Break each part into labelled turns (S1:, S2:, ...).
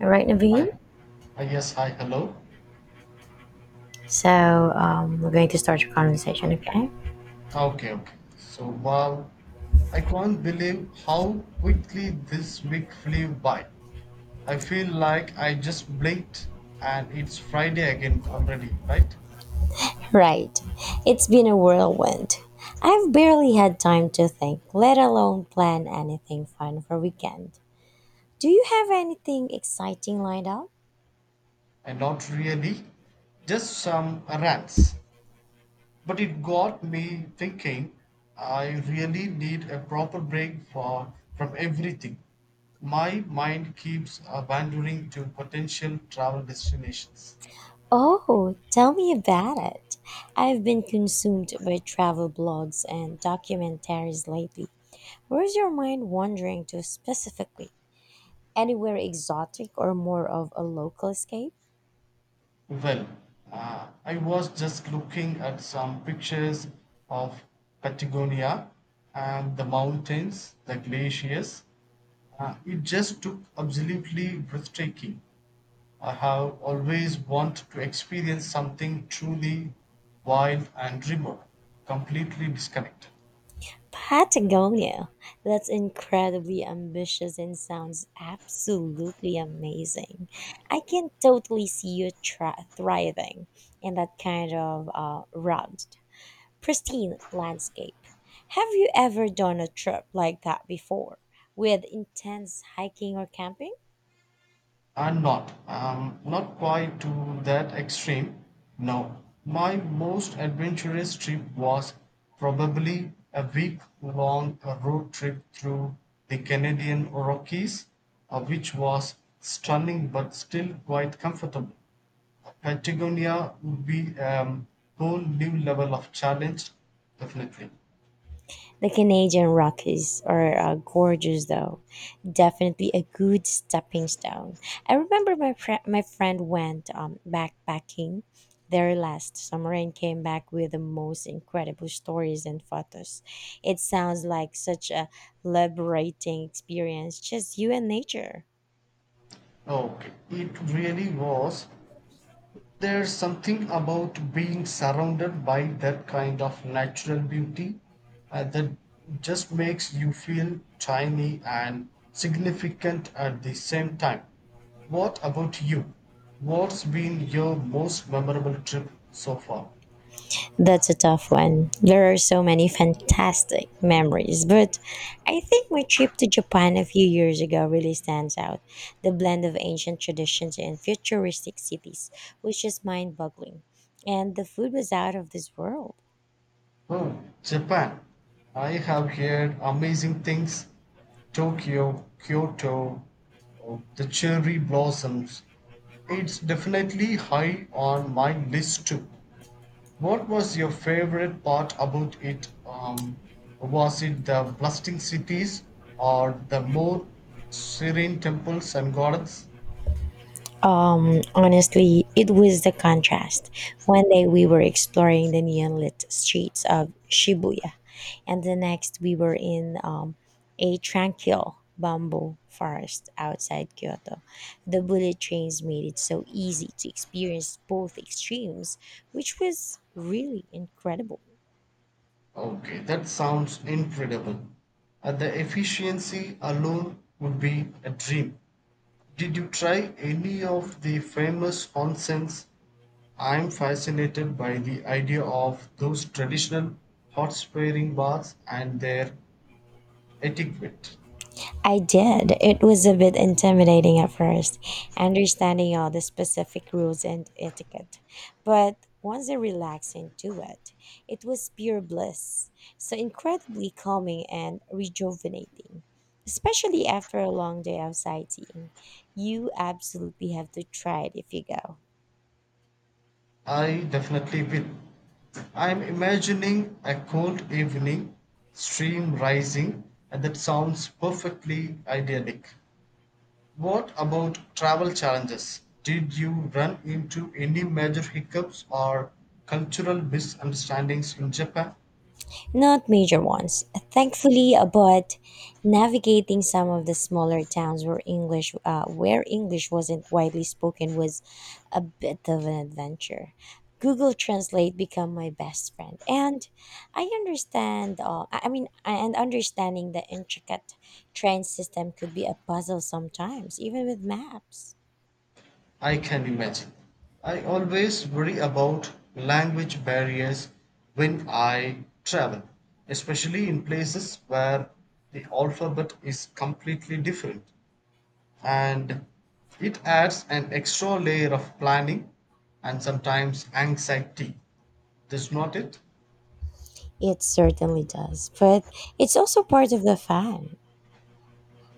S1: All right,
S2: Hi.
S1: Naveen.
S2: Hi, yes, hi, hello.
S1: So we're going to start your conversation, okay?
S2: Okay, okay. So, wow, I can't believe how quickly this week flew by. I feel like I just blinked and it's Friday again already, right?
S1: Right. It's been a whirlwind. I've barely had time to think, let alone plan anything fun for weekend. Do you have anything exciting lined up?
S2: And Not really, just some rants. But it got me thinking I really need a proper break from everything. My mind keeps wandering to potential travel destinations.
S1: Oh, tell me about it. I've been consumed by travel blogs and documentaries lately. Where's your mind wandering to specifically? Anywhere exotic or more of a local escape?
S2: Well, I was just looking at some pictures of Patagonia and the mountains, the glaciers. It just took absolutely breathtaking. I have always wanted to experience something truly wild and remote, completely disconnected.
S1: Patagonia. That's incredibly ambitious and sounds absolutely amazing. I can totally see you thriving in that kind of rugged, pristine landscape. Have you ever done a trip like that before with intense hiking or camping?
S2: I'm not quite to that extreme. No. My most adventurous trip was probably a week long road trip through the Canadian Rockies, which was stunning but still quite comfortable. Patagonia would be a whole new level of challenge, definitely.
S1: The Canadian Rockies are gorgeous, though. Definitely a good stepping stone. I remember my friend went backpacking there last summer and came back with the most incredible stories and photos. It sounds like such a liberating experience, just you and nature.
S2: Okay, it really was. There's something about being surrounded by that kind of natural beauty that just makes you feel tiny and significant at the same time. What about you? What's been your most memorable trip so far?
S1: That's a tough one. There are so many fantastic memories, but I think my trip to Japan a few years ago really stands out. The blend of ancient traditions and futuristic cities was just mind boggling. And the food was out of this world.
S2: Oh, Japan. I have heard amazing things. Tokyo, Kyoto, oh, the cherry blossoms. It's definitely high on my list too. What was your favorite part about it? Was it the bustling cities or the more serene temples and gardens?
S1: Honestly, it was the contrast. One day we were exploring the neon lit streets of Shibuya, and the next we were in a tranquil bamboo forest outside Kyoto. The bullet trains made it so easy to experience both extremes, which was really incredible.
S2: Okay, that sounds incredible. The efficiency alone would be a dream. Did you try any of the famous onsens? I'm fascinated by the idea of those traditional hot spring baths and their etiquette.
S1: I did. It was a bit intimidating at first, understanding all the specific rules and etiquette. But once I relaxed into it, it was pure bliss. So incredibly calming and rejuvenating, especially after a long day of sightseeing. You absolutely have to try it if you go.
S2: I definitely will. I'm imagining a cold evening, stream rising, and that sounds perfectly idyllic. What about travel challenges? Did you run into any major hiccups or cultural misunderstandings in Japan?
S1: Not major ones, thankfully, but navigating some of the smaller towns where English wasn't widely spoken, was a bit of an adventure. Google Translate became my best friend, and I understand. I mean, and understanding the intricate train system could be a puzzle sometimes, even with maps.
S2: I can imagine. I always worry about language barriers when I travel, especially in places where the alphabet is completely different, and it adds an extra layer of planning and sometimes anxiety. That's not it?
S1: It certainly does, but it's also part of the fun.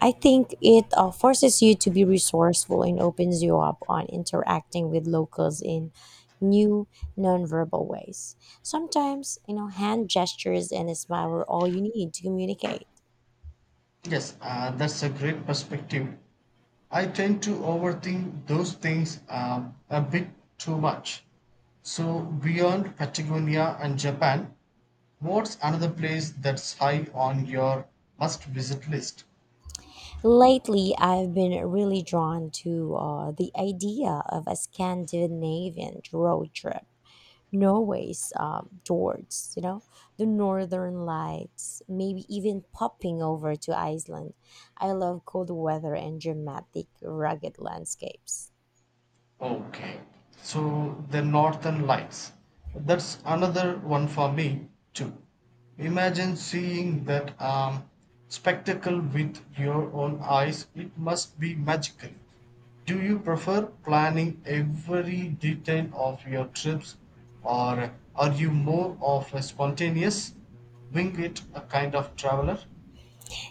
S1: I think it forces you to be resourceful and opens you up on interacting with locals in new nonverbal ways. Sometimes, you know, hand gestures and a smile are all you need to communicate.
S2: Yes, that's a great perspective. I tend to overthink those things a bit too much. So, beyond Patagonia and Japan, what's another place that's high on your must visit list?
S1: Lately, I've been really drawn to the idea of a Scandinavian road trip. Norway's fjords, you know, the northern lights, maybe even popping over to Iceland. I love cold weather and dramatic, rugged landscapes.
S2: Okay. So the northern lights. That's another one for me too. Imagine seeing that spectacle with your own eyes. It must be magical. Do you prefer planning every detail of your trips or are you more of a spontaneous wing it a kind of traveler?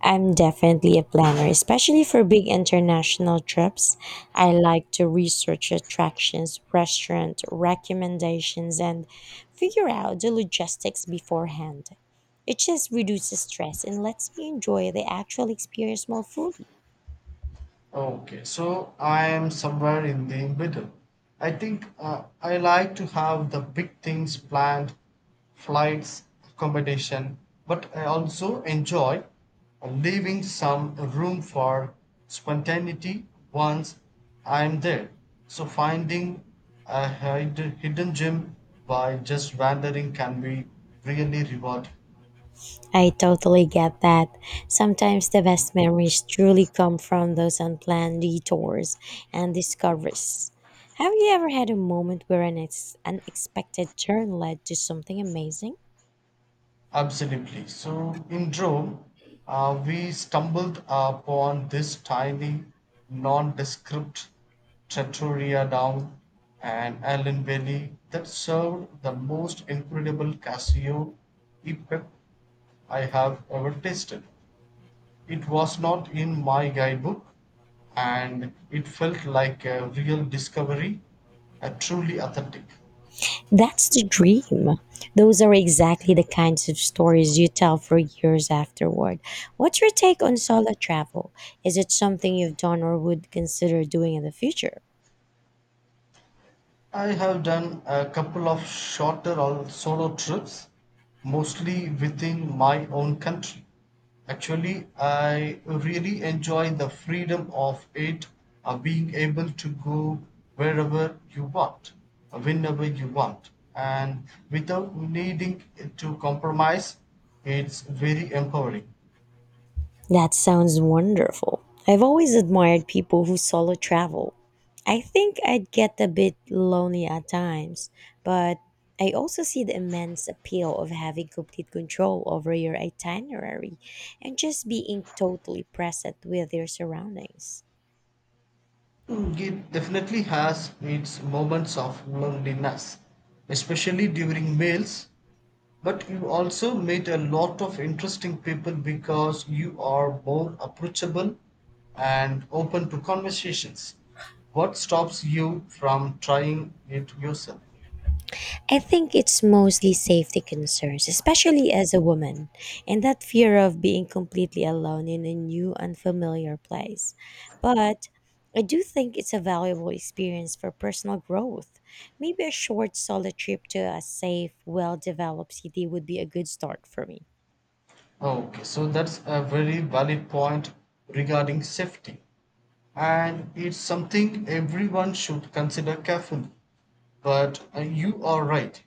S1: I'm definitely a planner, especially for big international trips. I like to research attractions, restaurant recommendations, and figure out the logistics beforehand. It just reduces stress and lets me enjoy the actual experience more fully.
S2: Okay, so I am somewhere in the middle. I think I like to have the big things planned, flights, accommodation, but I also enjoy leaving some room for spontaneity once I'm there. So finding a hidden gem by just wandering can be really rewarding.
S1: I totally get that. Sometimes the best memories truly come from those unplanned detours and discoveries. Have you ever had a moment where an unexpected turn led to something amazing?
S2: Absolutely. So in Rome, we stumbled upon this tiny, nondescript trattoria down an island valley that served the most incredible Casio e Pep I have ever tasted. It was not in my guidebook, and it felt like a real discovery, a truly authentic.
S1: That's the dream. Those are exactly the kinds of stories you tell for years afterward. What's your take on solo travel? Is it something you've done or would consider doing in the future?
S2: I have done a couple of shorter or solo trips, mostly within my own country. Actually, I really enjoy the freedom of it, of being able to go wherever you want, whenever you want, and without needing to compromise. It's very empowering.
S1: That sounds wonderful. I've always admired people who solo travel. I think I'd get a bit lonely at times, but I also see the immense appeal of having complete control over your itinerary and just being totally present with your surroundings.
S2: Mm, it definitely has its moments of loneliness, especially during meals. But you also meet a lot of interesting people because you are more approachable and open to conversations. What stops you from trying it yourself?
S1: I think it's mostly safety concerns, especially as a woman, and that fear of being completely alone in a new, unfamiliar place. But I do think it's a valuable experience for personal growth. Maybe a short solo trip to a safe, well developed city would be a good start for me.
S2: Okay, so that's a very valid point regarding safety, and it's something everyone should consider carefully. But you are right,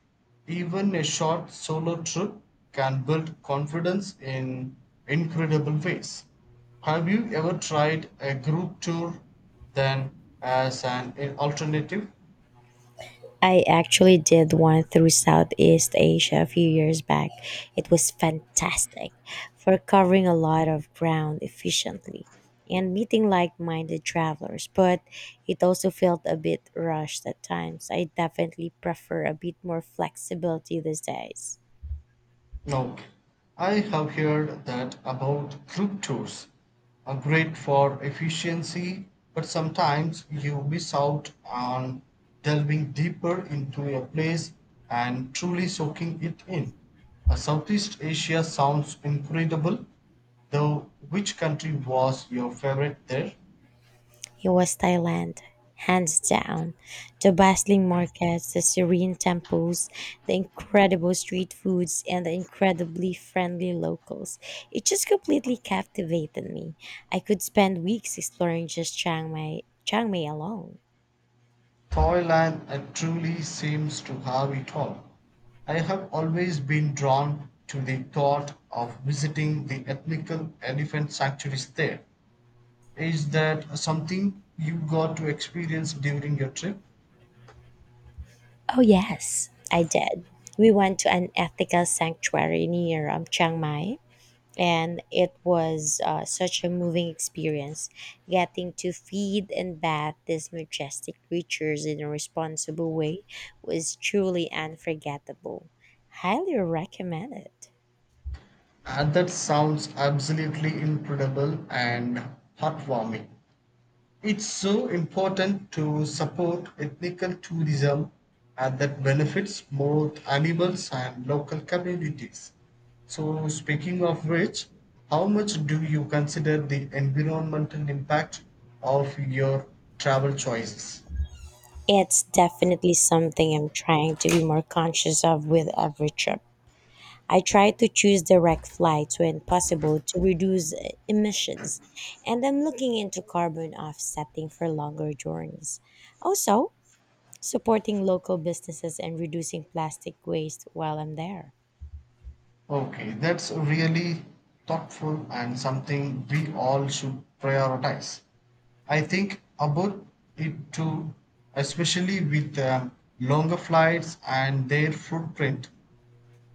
S2: even a short solo trip can build confidence in incredible ways. Have you ever tried a group tour then as an alternative?
S1: I actually did one through Southeast Asia a few years back. It was fantastic for covering a lot of ground efficiently and meeting like minded travelers, but it also felt a bit rushed at times. I definitely prefer a bit more flexibility these days.
S2: Now, I have heard that about group tours are great for efficiency, but sometimes you miss out on delving deeper into a place and truly soaking it in. Southeast Asia sounds incredible, though. Which country was your favorite there?
S1: It was Thailand, hands down. The bustling markets, the serene temples, the incredible street foods, and the incredibly friendly locals. It just completely captivated me. I could spend weeks exploring just Chiang Mai alone.
S2: Thailand truly seems to have it all. I have always been drawn to the thought of visiting the ethnical elephant sanctuaries there. Is that something you got to experience during your trip?
S1: Oh, yes, I did. We went to an ethical sanctuary near Chiang Mai, and it was such a moving experience. Getting to feed and bathe these majestic creatures in a responsible way was truly unforgettable. Highly recommend it.
S2: And that sounds absolutely incredible and heartwarming. It's so important to support ethical tourism and that benefits both animals and local communities. So, speaking of which, how much do you consider the environmental impact of your travel choices?
S1: It's definitely something I'm trying to be more conscious of with every trip. I try to choose direct flights when possible to reduce emissions, and I'm looking into carbon offsetting for longer journeys. Also supporting local businesses and reducing plastic waste while I'm there.
S2: Okay, that's really thoughtful and something we all should prioritize. I think about it too, especially with longer flights and their footprint.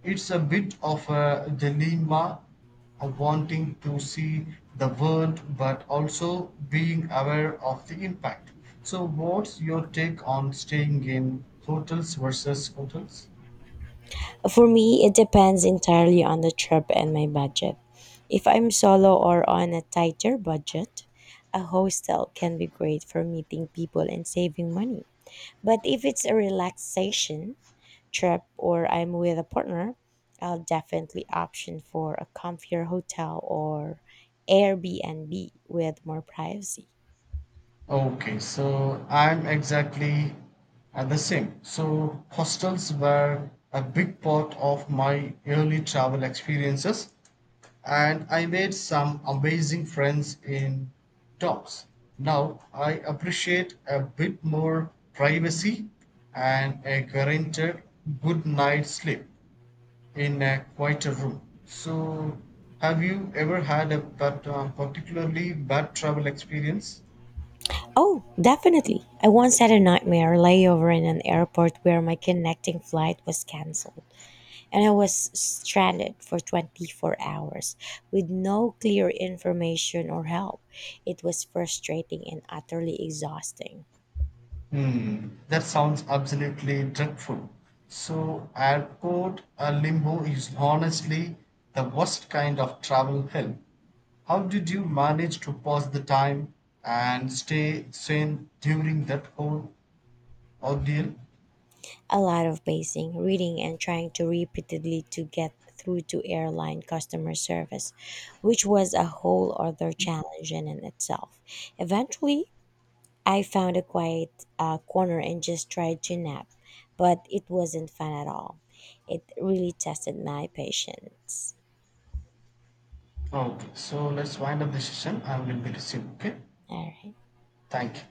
S2: It's a bit of a dilemma of wanting to see the world but also being aware of the impact. So, what's your take on staying in hotels versus hotels?
S1: For me, it depends entirely on the trip and my budget. If I'm solo or on a tighter budget, a hostel can be great for meeting people and saving money. But if it's a relaxation trip or I'm with a partner, I'll definitely option for a comfier hotel or Airbnb with more privacy.
S2: Okay, so I'm exactly at the same. So hostels were a big part of my early travel experiences, and I made some amazing friends in talks. Now I appreciate a bit more privacy and a guaranteed good night's sleep in a quieter room. So, have you ever had a particularly bad travel experience?
S1: Oh, definitely. I once had a nightmare layover in an airport where my connecting flight was canceled and I was stranded for 24 hours with no clear information or help. It was frustrating and utterly exhausting.
S2: Hmm, that sounds absolutely dreadful. So, airport limbo is honestly the worst kind of travel hell. How did you manage to pass the time and stay sane during that whole ordeal?
S1: A lot of pacing, reading, and trying to repeatedly to get through to airline customer service, which was a whole other challenge in itself. Eventually, I found a quiet corner and just tried to nap, but it wasn't fun at all. It really tested my patience.
S2: Okay, so let's wind up the session. I will be resume. Okay,
S1: All right.
S2: thank you.